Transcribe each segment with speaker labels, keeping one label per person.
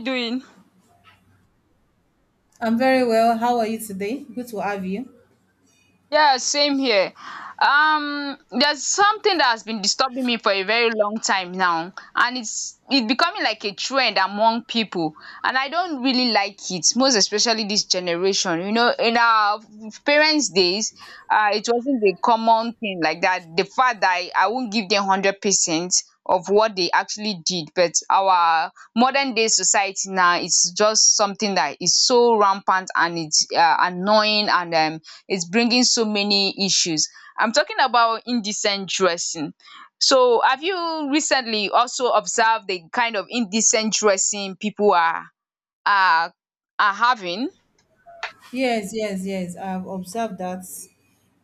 Speaker 1: Doing?
Speaker 2: I'm very well. How are you today? Good to have you.
Speaker 1: Yeah, same here. There's something that has been disturbing me for a very long time now, and it's becoming like a trend among people, and I don't really like it, most especially this generation. You know, in our parents' days, it wasn't a common thing like that. The fact that I won't give them 100% of what they actually did, but our modern day society now is just something that is so rampant, and it's annoying, and it's bringing so many issues. I'm talking about indecent dressing. So, have you recently also observed the kind of indecent dressing people are are having?
Speaker 2: Yes, yes, yes. I've observed that.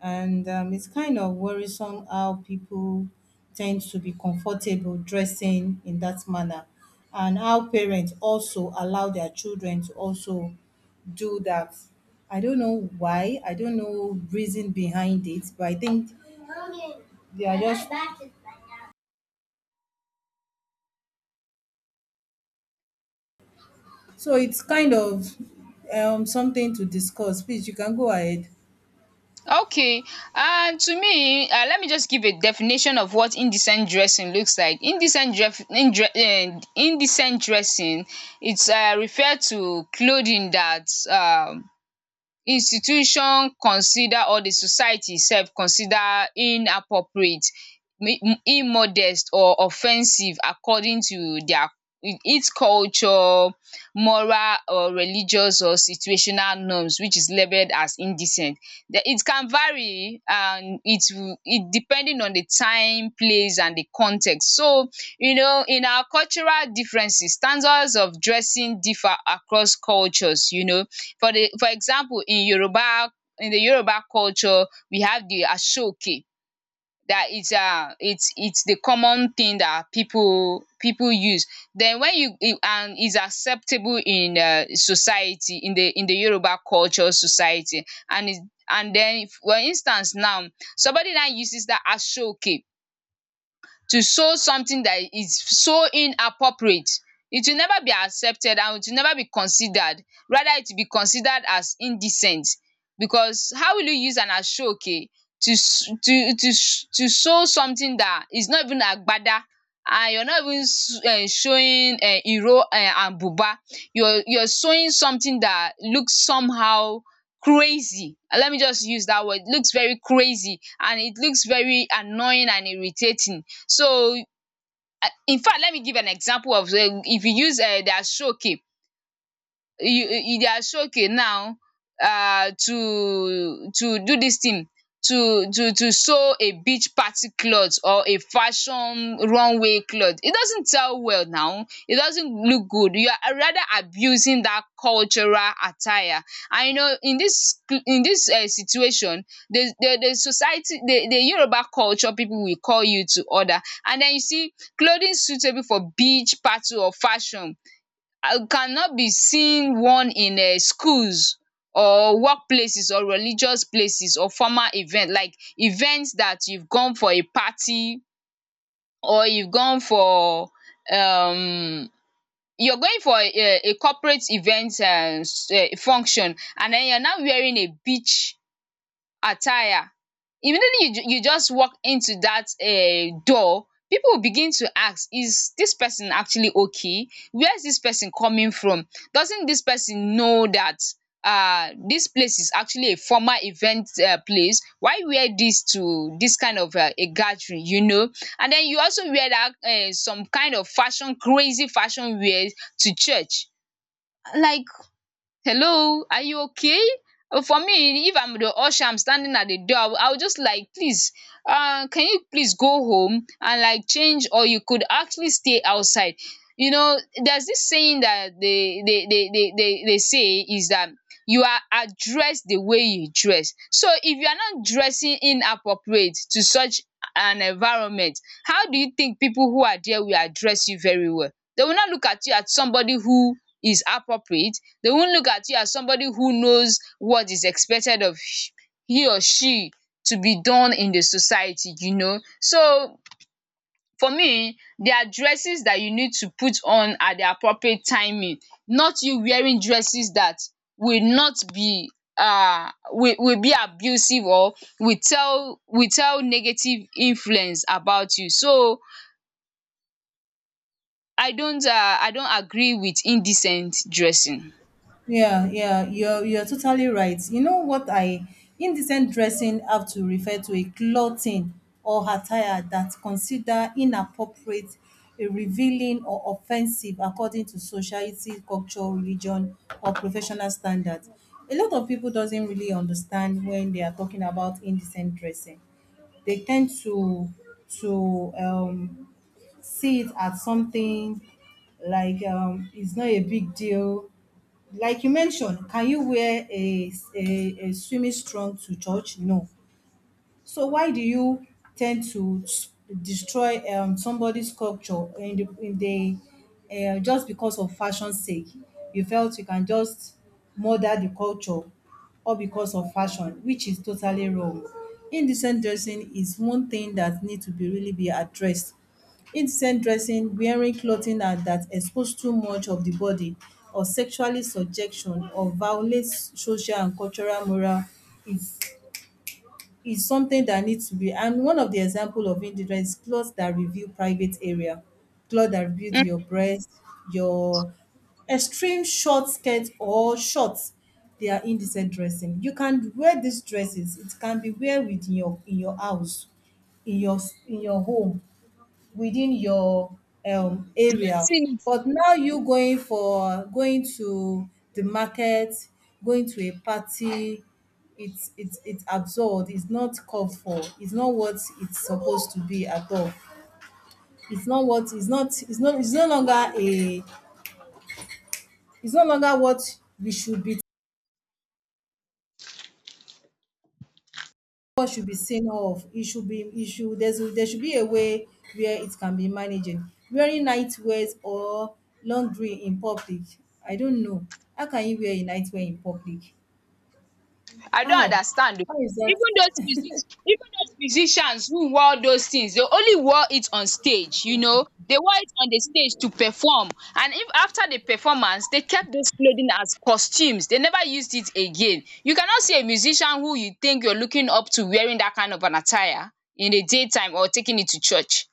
Speaker 2: And It's kind of worrisome how people tend to be comfortable dressing in that manner, and how parents also allow their children to also do that. I don't know why. I don't know reason behind it, but I think they are just so it's kind of something to discuss. Please, you can go ahead.
Speaker 1: Okay, and to me let me just give a definition of what indecent dressing looks like. Indecent dressing, it's refer to clothing that institution consider, or the society sef consider inappropriate, immodest or offensive according to their its culture, moral or religious or situational norms, which is labelled as indecent. Then it can vary, and it depending on the time, place and the context. So you know, in our cultural differences, standards of dressing differ across cultures, you know. For example, in Yoruba, in the Yoruba culture, we have the asoke. That it's it's the common thing that people use. Then when you and is acceptable in society, in the Yoruba culture society, and is, and then if, for instance now, somebody that uses that asoke to sew something that is so inappropriate. It will never be accepted and it will never be considered. Rather, it will be considered as indecent, because how will you use an ashoke to to sew something that is not even agbada, and you're not even showing iro and buba. You're sewing something that looks somehow crazy. Let me just use that word. It looks very crazy and it looks very annoying and irritating. So, in fact, let me give an example of if you use their stroke, you they are so okay now. To do this thing, to sew a beach party cloth or a fashion runway cloth, it doesn't sell well now, it doesn't look good. You are rather abusing that cultural attire. And you know, in this situation, the society, the Yoruba culture people will call you to order. And then you see clothing suitable for beach party or fashion cannot be seen worn in schools or workplaces or religious places or formal event, like events that you've gone for a party, or you've gone for um you're going for a corporate event function, and then you're now wearing a beach attire. Immediately you you just walk into that door, people will begin to ask, is this person actually okay? Where is this person coming from? Doesn't this person know that this place is actually a formal event place? Why wear this to this kind of a gathering, you know? And then you also wear that some kind of fashion, crazy fashion wear to church. Like, hello, are you okay? For me, if I'm the usher, I'm standing at the door, I will just like, please, can you please go home and like change, or you could actually stay outside. You know, there's this saying that they say is that you are addressed the way you dress. So if you are not dressing inappropriate to such an environment, how do you think people who are there will address you very well? They will not look at you as somebody who is appropriate, they won't look at you as somebody who knows what is expected of he or she to be done in the society, you know. So for me, there are dresses that you need to put on at the appropriate timing, not you wearing dresses that will not be will be abusive, or will tell negative influence about you. So I don't um I don't agree with indecent dressing.
Speaker 2: Yeah, yeah, you're totally right. You know what I indecent dressing have to refer to a clothing or attire that consider inappropriate, revealing or offensive according to society, culture, religion or professional standards. A lot of people doesn't really understand when they are talking about indecent dressing. They tend to to see it as something like it's not a big deal like you mentioned, can you wear a swimming strong to church? No. So why do you tend to destroy somebody's culture in the, just because of fashion's sake? You felt you can just murder the culture all because of fashion, which is totally wrong. Indecent dressing is one thing that needs to be really be addressed. Indecent dressing, wearing clothing that, that expose too much of the body or sexually subjection or violates social and cultural moral is is something that needs to be and one of the example of indigence is clothes that reveal private area, clothes that reveals
Speaker 1: Mm.
Speaker 2: your breast, your extreme short skirt or shorts. They are indecent dressing. You can wear these dresses. It can be wear within your in your house, in your in your home within your area
Speaker 1: Dressing,
Speaker 2: but now you going for going to the market going to a party it's absurd it's not called for it's not what it's supposed to be at all it's not what it's not it's not it's no longer a it's no longer what we should be. What should be seen off. It should be it should there's there should be a way where it can be managed. Wearing night wears or laundry in public. I don't know. How can you wear a night wear in public?
Speaker 1: I don't
Speaker 2: How?
Speaker 1: understand.
Speaker 2: How is that?
Speaker 1: Even those music, even those musicians who wore those things, they only wore it on stage, you know. They wore it on the stage to perform, and if after the performance, they kept those clothing as costumes. They never used it again. You cannot see a musician who you think you're looking up to wearing that kind of an attire in the daytime or taking it to church.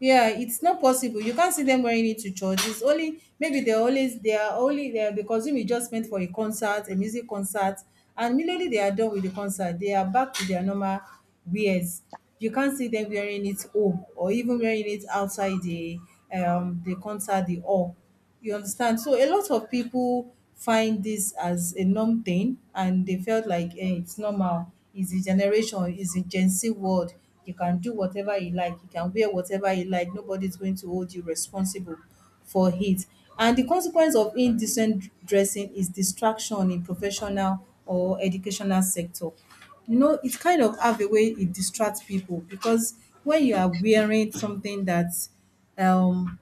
Speaker 2: Yeah, it's not possible. You can't see them wearing it to church. It's only maybe they're always they are only there because we just meant for a concert, a music concert, and immediately they are done with the concert, they are back to their normal wears. You can't see them wearing it home or even wearing it outside the concert, the hall. You understand? So a lot of people find this as a norm thing and they felt like eh, it's normal. It's a generation, it's a Gen Z world. You can do whatever you like, you can wear whatever you like, nobody's going to hold you responsible for it. And the consequence of indecent dressing is distraction in professional or educational sector. You know, it kind of have a way it distracts people because when you are wearing something that um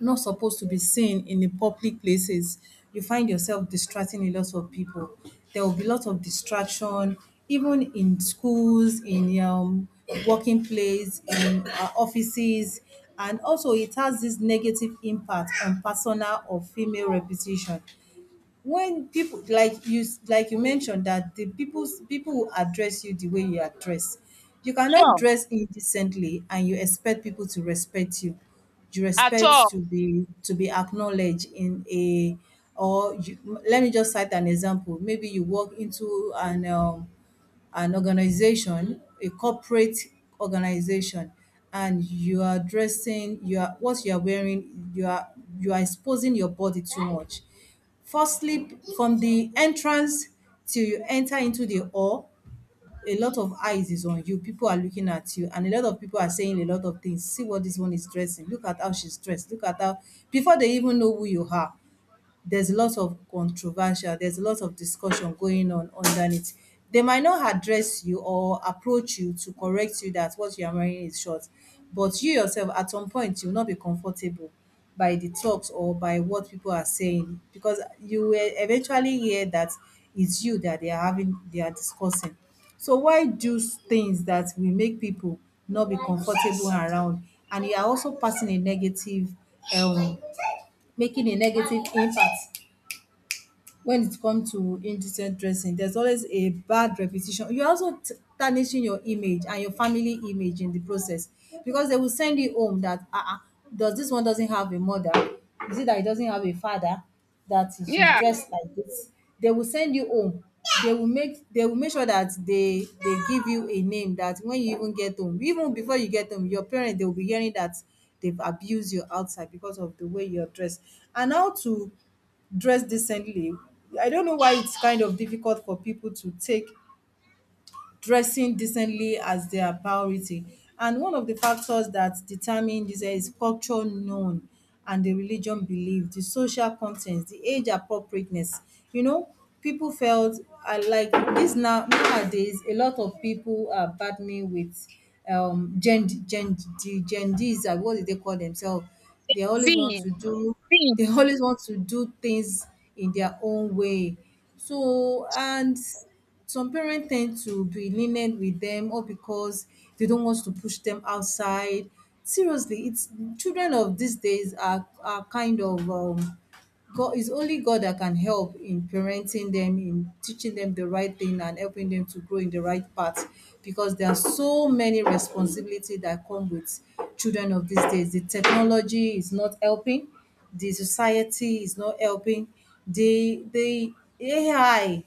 Speaker 2: not supposed to be seen in the public places. You find yourself distracting a lot of people. There will be a lot of distraction, even in schools, in working place, in offices, and also it has this negative impact on personal or female reputation when people like you mentioned that the people's people will address you the way you are dressed you cannot
Speaker 1: Sure.
Speaker 2: dress indecently and you expect people to respect you you
Speaker 1: At all.
Speaker 2: respect to be acknowledged in a or you, let me just cite an example maybe you walk into an an organization, a corporate organization, and you are dressing, you are what you are wearing, you are exposing your body too much. Firstly, from the entrance till you enter into the hall, a lot of eyes is on you. People are looking at you, and a lot of people are saying a lot of things. See what this one is dressing. Look at how she's dressed. Look at how before they even know who you are there's a lot of controversial, there's a lot of discussion going on underneath. They might not address you or approach you to correct you that what you are wearing is short, but you yourself at some point you will not be comfortable by the talks or by what people are saying because you will eventually hear that it's you that they are having they are discussing. So why do things that will make people not be comfortable around and you are also passing a negative um making a negative impact when it comes to indecent dressing, there's always a bad reputation. You're also tarnishing your image and your family image in the process because they will send you home that uh-uh, does this one doesn't have a mother? Is it that it doesn't have a father? That she's
Speaker 1: Yeah.
Speaker 2: dressed like this? They will send you home. They will make sure that they give you a name that when you even get home, even before you get home, your parents they will be hearing that they've abused you outside because of the way you're dressed. And how to dress decently I don't know why it's kind of difficult for people to take dressing decently as their priority. And one of the factors that determine this eh, is culture known and the religion belief, the social content, the age appropriateness. You know, people felt like this now nowadays. A lot of people are battling with gen gen the gen Ds. What do they call themselves? They
Speaker 1: Z,
Speaker 2: always want to do. They
Speaker 1: Z,
Speaker 2: always want to do things in their own way so, and some parents tend to be lenient with them or because they don't want to push them outside. Seriously, it's children of these days are kind of God is only God that can help in parenting them, in teaching them the right thing and helping them to grow in the right path because there are so many responsibility that come with children of these days. The technology is not helping, the society is not helping, the AI,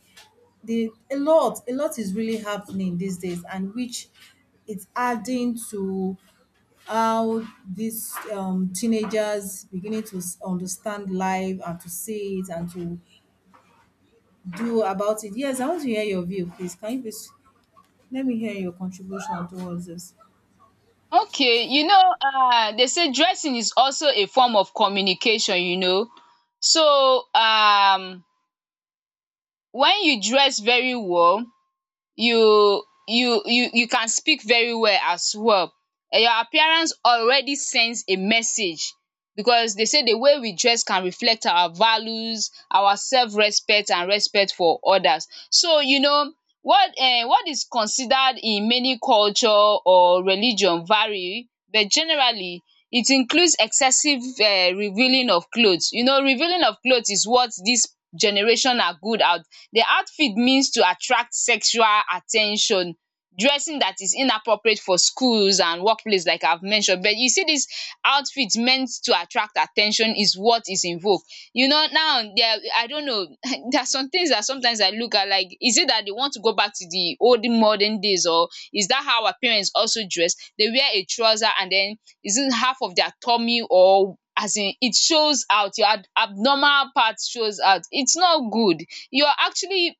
Speaker 2: the a lot is really happening these days and which it's adding to how these teenagers beginning to understand life and to see it and to do about it. Yes, I want to hear your view, please. Can you please let me hear your contribution towards this?
Speaker 1: okay, you know, they say dressing is also a form of communication, you know. So, when you dress very well, you can speak very well as well. And your appearance already sends a message, because they say the way we dress can reflect our values, our self-respect and respect for others. So you know, what is considered in many culture or religion vary, but generally it includes excessive revealing of cloth. You know, revealing of cloth is what dis generation are good at, the outfit means to attract sexual at ten tion, dressing that is inappropriate for schools and workplace, like I've mentioned. But you see, dis outfit meant to attract at ten tion is what is in vogue, you know. Now there, I don't know, there are some things that sometimes I look at, like, is it that they want to go back to the old modern days? Or is that how our parents also dress? They wear a trouser, and then is it half of their tummy? Or as in it shows out your abnormal part, shows out, it's not good. You're actually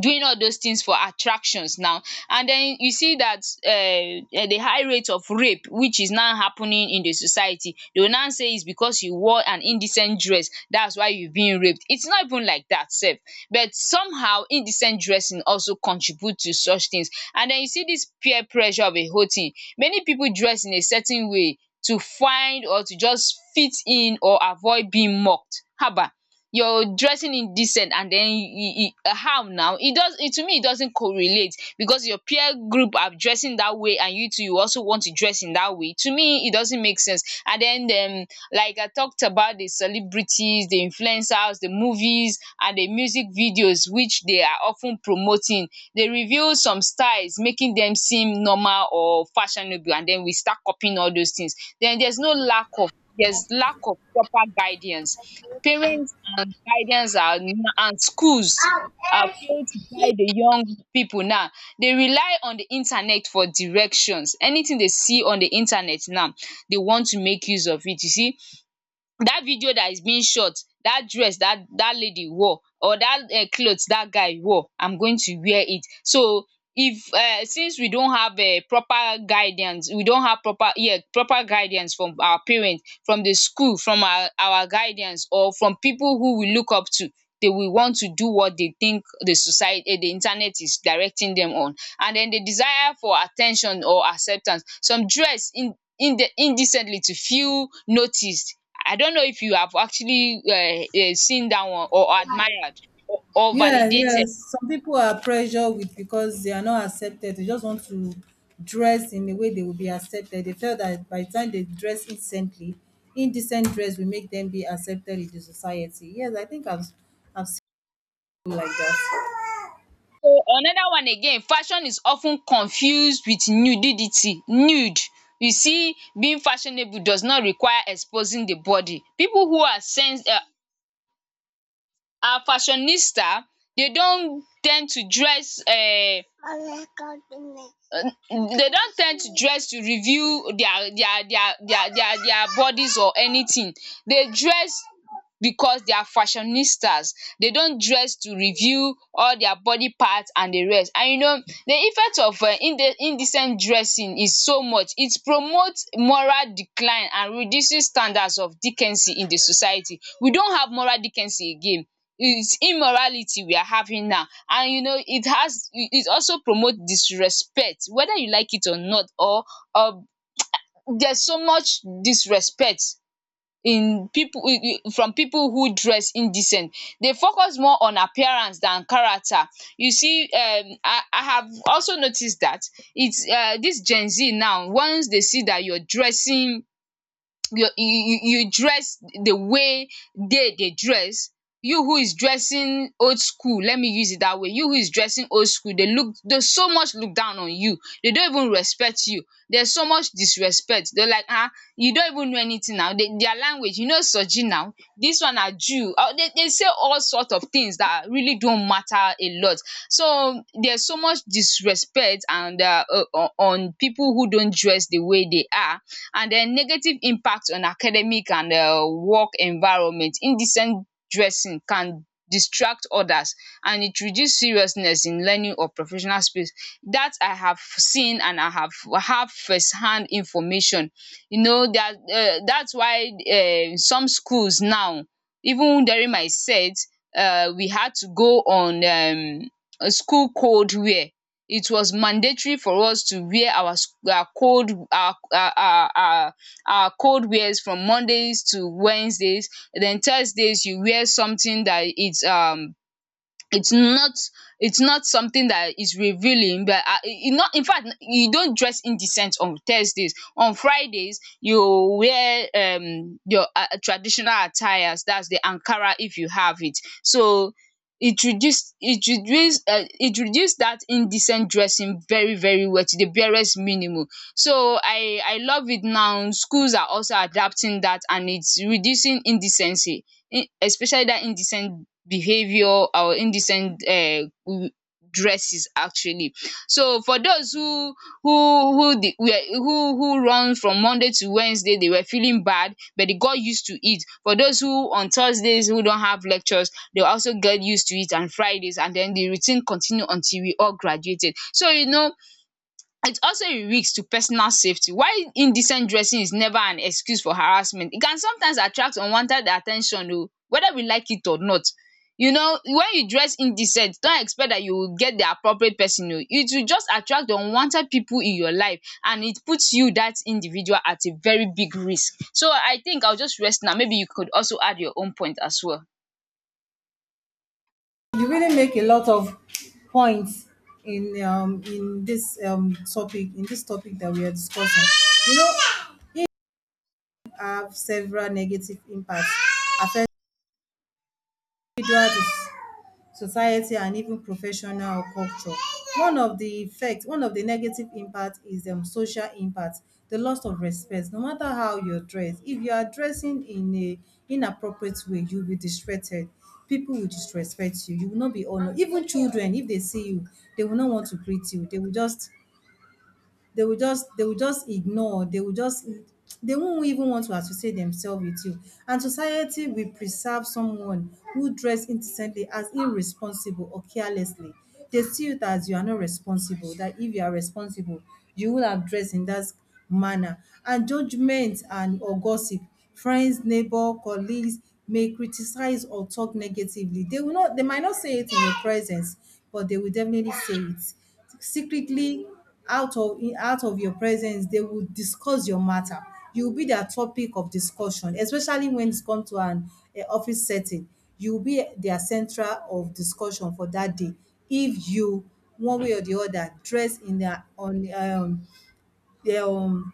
Speaker 1: doing all those things for attractions now. And then you see that the high rate of rape which is now happening in the society, they will now say is because you wore an indecent dress, that's why you being raped. It's not even like that sef, but somehow indecent dressing also contribute to such things. And then you see this peer pressure of a whole thing. Many people dress in a certain way to find, or to just fit in, or avoid being mocked. Haba, you're dressing indecent, and then how now, it does, it to me, it doesn't correlate, because your peer group are dressing that way, and you too, you also want to dress in that way. To me, it doesn't make sense. And then um like I talked about, the celebrities, the influencers, the movies and the music videos which they are often promoting, they reveal some styles, making them seem normal or fashionable, and then we start copying all those things. Then there's no lack of there's lack of proper guidance. Parents and guardians are and schools are failed to guide the young people. Now, they rely on the internet for directions. Anything they see on the internet now, they want to make use of it. You see that video that is being shot, that dress that lady wore, or that cloth that guy wore, I'm going to wear it. So if since we don't have proper guidance, we don't have proper, yeah, proper guidance from our parents, from the school, from our guidance, or from people who we look up to, they will want to do what they think the society, the internet is directing them on. And then the desire for attention or acceptance, some dress in indecently to feel noticed. I don't know if you have actually seen dat one, or admired, or
Speaker 2: Yes,
Speaker 1: validated.
Speaker 2: yes. Some people are pressured with because they are not accepted. They just want to dress in a way they will be accepted. They feel that by the time they dress decently, indecent dress will make them be accepted in the society. Yes, I think I've seen people like that.
Speaker 1: So another one again, fashion is of ten confused with nudidity, nude. You see, being fashionable does not require exposing the body. Pipu who are sense, are fashionista, they don ten d to dress they don't tend to dress to reveal their bodies or anything. They dress because they are fashionistas. They don dress to reveal all their body part and the rest. And you know, the effect of indecent dressing is so much. It promotes moral decline and reduces standards of decency in the society. We don't have moral decency again. It's immorality we are having now. And you know, it has it, it also promote disrespect, whether you like it or not. Or or There's so much disrespect in people, from people who dress indecent. They focus more on appearance than character. You see I have also noticed that it's dis Gen Z now, once they see that you're dressing, you dress the way they dey dress, you who is dressing old school, let me use it that way, you who is dressing old school, they so much look down on you, they don't even respect you. There's so much disrespect. They're like, ah, you don't even know anything now. Their language, you know, soji now, this one are jew, they say all sorts of things that really don't matter a lot. So there's so much disrespect and on people who don't dress the way they are. And the negative impact on academic and work environment: indecent dressing can distract others and it reduce seriousness in learning or professional space. That I have seen, and I have first hand information, you know, that that's why some schools now, even during my set, we had to go on a school code wear. It was mandatory for us to wear our cold, our cold wears from Mondays to Wednesdays. Then Thursdays you wear something that it's not it's not something that is revealing, but it not, in fact, you don't dress indecent on Thursdays. On Fridays you wear your traditional attires, that's the ankara if you have it. So it reduce that indecent dressing very very well to the barest minimum. So I love it. Now schools are also adapting that, and it's reducing indecency, in especially that indecent behavior, our indecent dresses actually. So for those who the were who run from Monday to Wednesday, they were feeling bad but they got used to it. For those who on Thursdays who don't have lectures, they also get used to it, and Fridays, and then the routine continue until we all graduated. So you know, it's also a risk to personal safety. While indecent dressing is never an excuse for harassment, it can sometimes attract unwanted attention, ten oh, whether we like it or not. You know, when you dress indecent, don't expect that you will get the appropriate person oh. It will just attract unwanted people in your life, and it puts you, that individual, at a very big risk. So I think I'll just rest now. Maybe you could also add your own point as well.
Speaker 2: You really make a lot of points in in this topic in this topic that we are discussing. You know, it have several negative impacts affecting individuals society and even professional or culture. One of the effects, one of the negative impact is social impact, the loss of respect. No matter how you dress, if you are dressing in a inappropriate way, you will be disrespected. People will disrespect you. You will not be honored. Even children, if they see you, they will not want to greet you. They will just they will just ignore. They will just they won't even want to associate themselves with you. And society will preserve someone who dress indecently as irresponsible or carelessly. They see it as you are not responsible, that if you are responsible, you would have dressed in that manner. And judgment and or gossip, friends, neighbor, colleagues may criticize or talk negatively. They will not they might not say it in your presence, but they will definitely say it secretly out of out of your presence they will discuss your matter you will be their topic of discussion especially when it come to an office setting you will be their central of discussion for that day if you one way or the other dress in their on their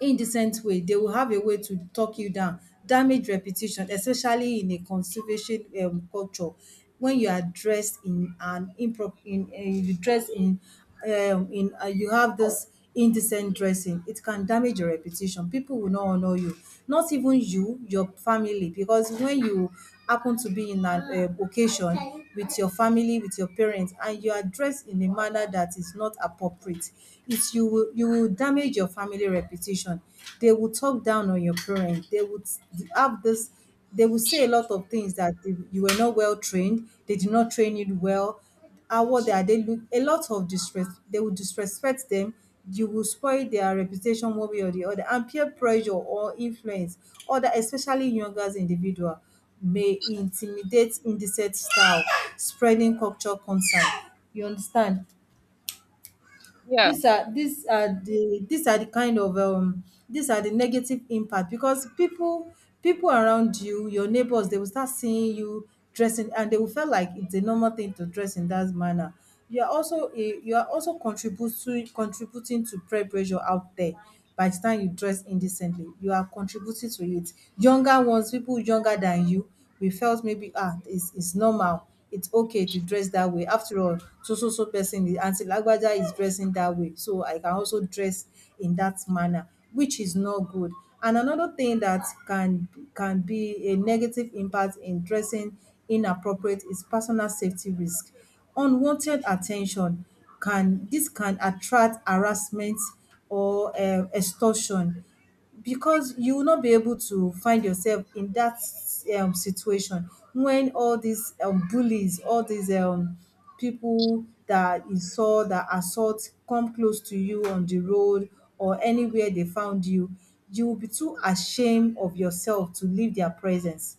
Speaker 2: indecent way, they will have a way to talk you down, damage reputation, especially in a conservation culture. When you are dressed in an improper, in um, you have this indecent dressing, it can damage your reputation. People will not honour you, not even you, your family because when you happen to be in an occasion with your family, with your parents and you are dressed in a manner that is not appropriate, it is you will damage your family reputation. They will talk down on your parents. They would have this. They will say a lot of things that they- you were not well trained. They did not train you well. How what are they look? A lot of distress. They will disrespect them. You will spoil their reputation one way or the other. And peer pressure or influence, other especially younger individual, may intimidate indecent style, spreading culture concern. You understand?
Speaker 1: Yeah.
Speaker 2: These are the kind of these are the negative impact because people around you, your neighbors, they will start seeing you dressing and they will feel like it's a normal thing to dress in that manner. You are also a, you are also contributing to peer pressure out there. By the time you dress indecently, you are contributing to it. Younger ones, people younger than you, we felt maybe ah it's normal, it's okay to dress that way. After all, so so so person is Aunty Lagbaja is dressing that way, so I can also dress in that manner, which is not good. And another thing that can be a negative impact in dressing inappropriate is personal safety risk. Unwanted attention can, this can attract harassment or extortion, because you will not be able to find yourself in that situation when all these bullies, all these people that insult, that assault come close to you on the road or anywhere they found you, you will be too ashamed of yourself to leave their presence.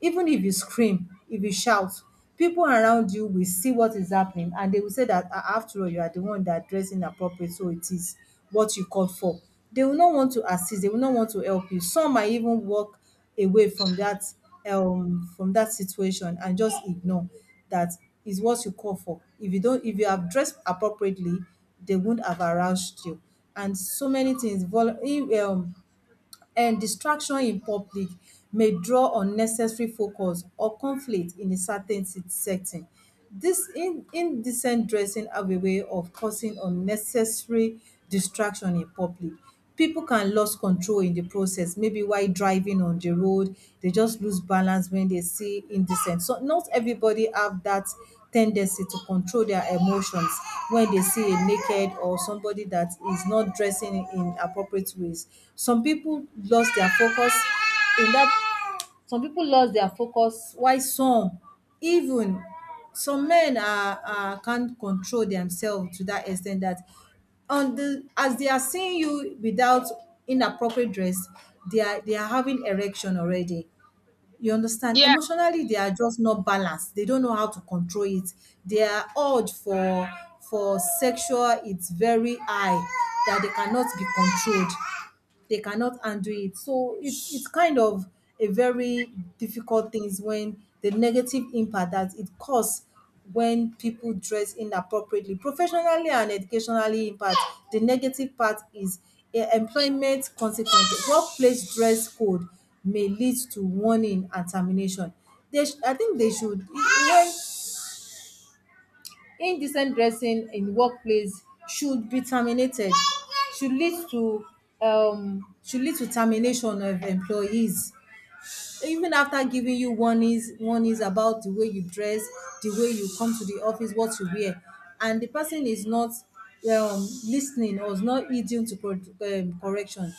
Speaker 2: Even if you scream, if you shout, people around you will see what is happening and they will say that, "Ah, after all, you are the one that dressed inappropriate, so it is what you called for." They will not want to assist, they will not want to help you. Some might even walk away from that situation and just ignore that is what you call for. If you have dressed appropriately, they won't have aroused you. And so many things distraction in public may draw unnecessary focus or conflict in a certain setting. This indecent dressing have a way of causing unnecessary distraction in public. People can lose control in the process. Maybe while driving on the road, they just lose balance when they see indecent. So not everybody have that tendency to control their emotions when they see a naked or somebody that is not dressing in appropriate ways. Some people lost their focus in that, some people lost their focus while some even some men are can't control themselves to that extent that on the, as they are seeing you without inappropriate dress, they are having erection already. You understand?
Speaker 1: Yeah.
Speaker 2: Emotionally, they are just not balanced. They don't know how to control it. Their urge for sexual it's very high, that they cannot be controlled, they cannot handle it. So it's kind of a very difficult things when the negative impact that it causes when people dress inappropriately, professionally and educationally impact. The negative part is employment consequences. Workplace dress code may lead to warning and termination. I think they should. When indecent dressing in workplace should be terminated, should lead to should lead to termination of employees even after giving you warnings, about the way you dress, the way you come to the office, what you wear, and the person is not listening or is not heeding to pro correction.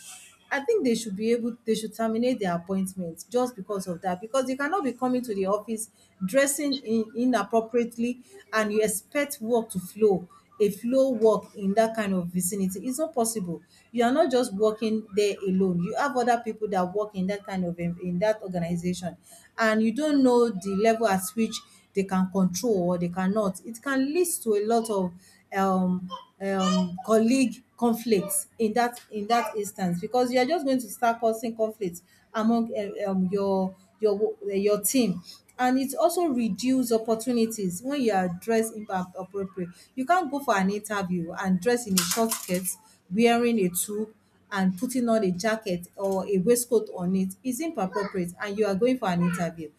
Speaker 2: I think they should be able, they should terminate their appointment just because of that, because you cannot be coming to the office dressing in inappropriately and you expect work to flow, a flow work in that kind of vicinity. It's not possible. You are not just working there alone. You have other people that work in that kind of, in that organization, and you don't know the level at which they can control or they cannot. It can lead to a lot of um, colleague conflicts in that, instance, because you are just going to start causing conflicts among your your your team. And it also reduce opportunities when you are dressed impact appropriate. You can't go for an interview and dress in a short skirt, wearing a tube and putting on a jacket or a waistcoat on it. Is inappropriate and you are going for an interview.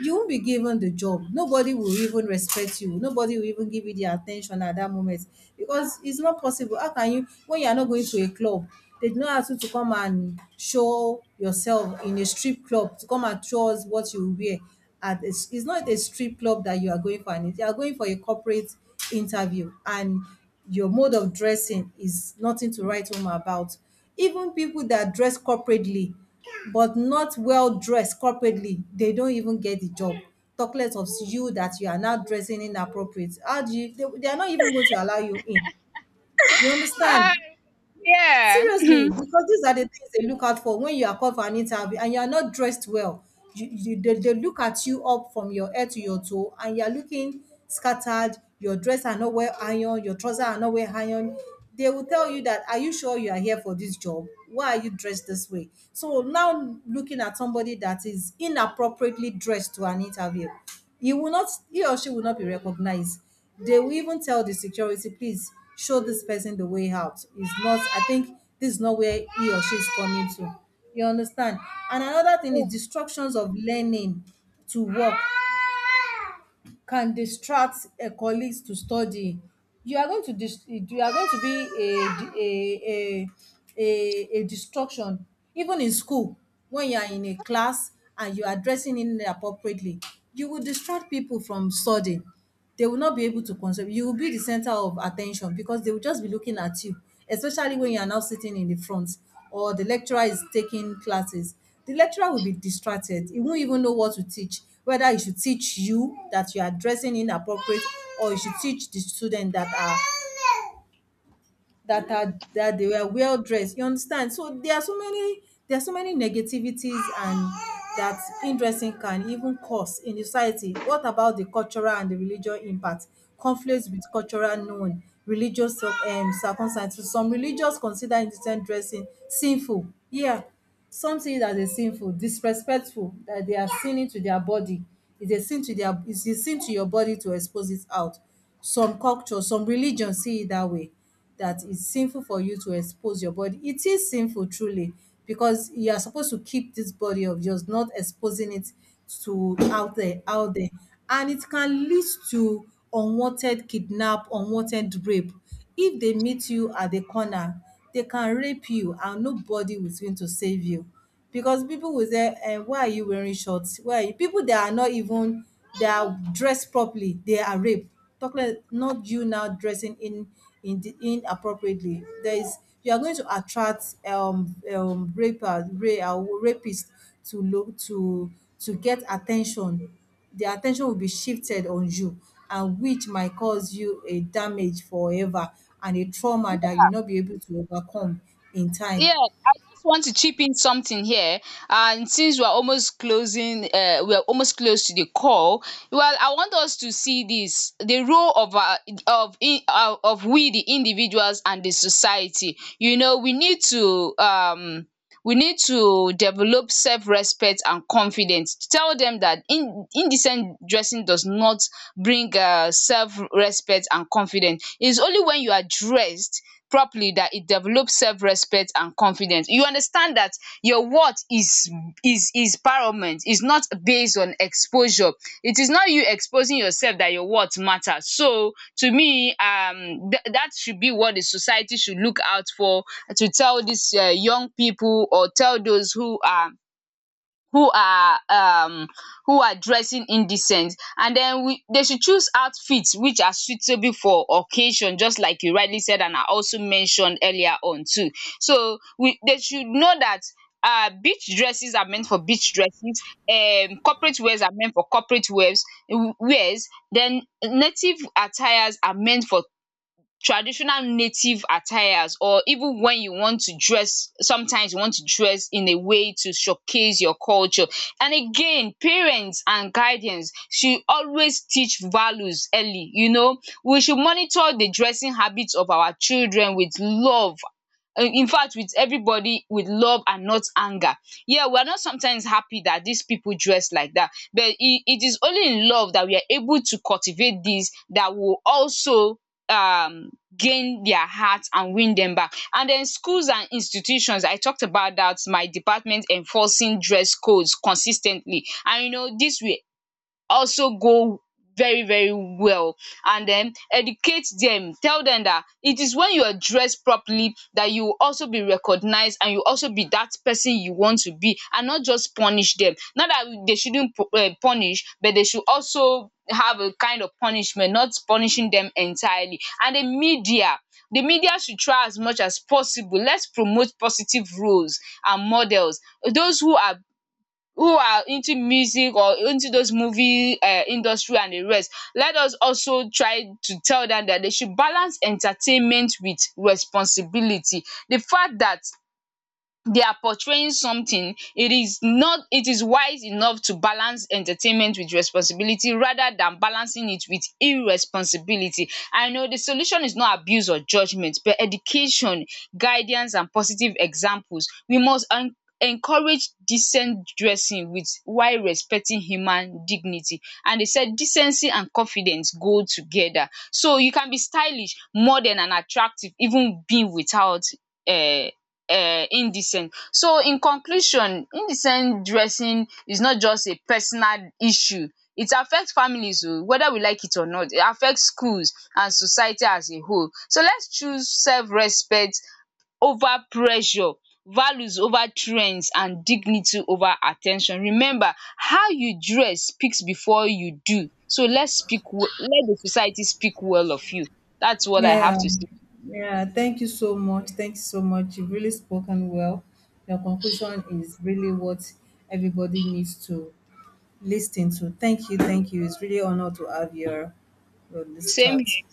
Speaker 2: You won't be given the job. Nobody will even respect you. Nobody will even give you the attention at that moment, because it's not possible. How can you, when you are not going to a club? They do not ask you to come and show yourself in a strip club, to come and show us what you wear at. It's not a strip club that you are going for, and you are going for a corporate interview and your mode of dressing is nothing to write home about. Even people that dress corporately but not well dressed corporately, they don't even get the job, talk less of you that you are now dressing inappropriate. How do you, they are not even going to allow you in. You
Speaker 1: Ah,
Speaker 2: understand?
Speaker 1: yeah.
Speaker 2: Seriously, because these are the things they look out for when you are called for an interview and you are not dressed well. They look at you up from your head to your toe and you are looking scattered. Your dress are not well ironed, your trousers are not well ironed. They will tell you that, are you sure you are here for this job? Why are you dressed this way? So now looking at somebody that is inappropriately dressed to an interview, you will not, he or she will not be recognized. They will even tell the security, please show this person the way out. It's not, I think this is not where he or she is coming to. You understand? And another thing is distractions of learning to work, can distract colleagues to study. You are going to you are going to be a a a distraction even in school. When you are in a class and you are dressing inappropriately, you will distract people from studying. They will not be able to concentrate. You will be the center of attention, because they will just be looking at you, especially when you are now sitting in the front or the lecturer is taking classes. The lecturer will be distracted. He won't even know what to teach, whether he should teach you that you are dressing inappropriate or you should teach the student that they were well dressed. You understand? So there are so many negativities and that in-dressing can even cause in the society. What about the cultural and the religious impact? Conflicts with cultural known religious circumstances. Some religious consider indecent dressing sinful. Yeah, some see it as a sinful disrespectful, that they are sinning to their body. It's a sin to their it's a sin to your body to expose it out. Some culture, some religion see it that way, that it's sinful for you to expose your body. It is sinful truly, because you are supposed to keep this body of yours, not exposing it to out there, out there. And it can lead to unwanted kidnap, unwanted rape. If they meet you at the corner, they can rape you and nobody is going to save you, because people will say, eh, why are you wearing shorts? Why are you? People that are not even, they are dressed properly, they are raped. Talk like not you now dressing in the inappropriately. There is, you are going to attract rapers, rapists to look to get attention. Their attention will be shifted on you, and which might cause you a damage forever and a trauma that you'll not be able to overcome in time.
Speaker 1: Yeah, I just want to chip in something here. And since we're almost closing, we're almost close to the call. Well, I want us to see this: the role of of we, the individuals, and the society. You know, we need to develop self-respect and confidence. Tell them that indecent dressing does not bring self-respect and confidence. It's only when you are dressed properly that it develops self-respect and confidence. You understand that your worth is paramount, is not based on exposure. It is not you exposing yourself that your worth matters. So to me, that should be what the society should look out for, to tell these young people, or tell those who are who are um who are dressing indecent. And then we they should choose outfits which are suitable for occasion, just like you rightly said and I also mentioned earlier on too. So we they should know that beach dresses are meant for beach dresses, corporate wears are meant for corporate wears, then native attires are meant for traditional native attires. Or even when you want to dress, sometimes you want to dress in a way to showcase your culture. And again, parents and guardians should always teach values early, you know. We should monitor the dressing habits of our children with love. In fact, with everybody, with love and not anger. Yeah, we are not sometimes happy that these people dress like that, but it is only in love that we are able to cultivate this that will also um gain their hearts and win them back. And then schools and institutions, I talked about that, my department enforcing dress codes consistently. And you know, this will also go very very well. And then educate them, tell them that it is when you are dressed properly that you will also be recognized, and you also be that person you want to be, and not just punish them. Not that they shouldn't punish, but they should also have a kind of punishment, not punishing them entirely. And the media should try as much as possible, let's promote positive roles and models, those who are into music or into those movie industry and the rest. Let us also try to tell dem that they should balance entertainment with responsibility. The fact that they are portraying something, it is not it is wise enough to balance entertainment with responsibility rather than balancing it with irresponsibility. I know the solution is not abuse or judgment but education, guidance and positive examples. We must en encourage decent dressing with, while respecting human dignity. And they said decency and confidence go together, so you can be stylish, modern and attractive, even being without um indecent. So in conclusion, indecent dressing is not just a personal issue, it affect families oh, whether we like it or not, it affect schools and society as a whole. So let's choose self respect over pressure, values over trends, and dignity over at ten tion. Remember how you dress speaks before you do. So let's speak, let the society speak well of you. That's what I have
Speaker 2: Yeah.
Speaker 1: to say.
Speaker 2: Yeah. Thank you so much. Thank you so much. You've really spoken well. Your conclusion is really what everybody needs to listen to. Thank you. Thank you. It's really honor to have your this
Speaker 1: Same
Speaker 2: chat.
Speaker 1: here.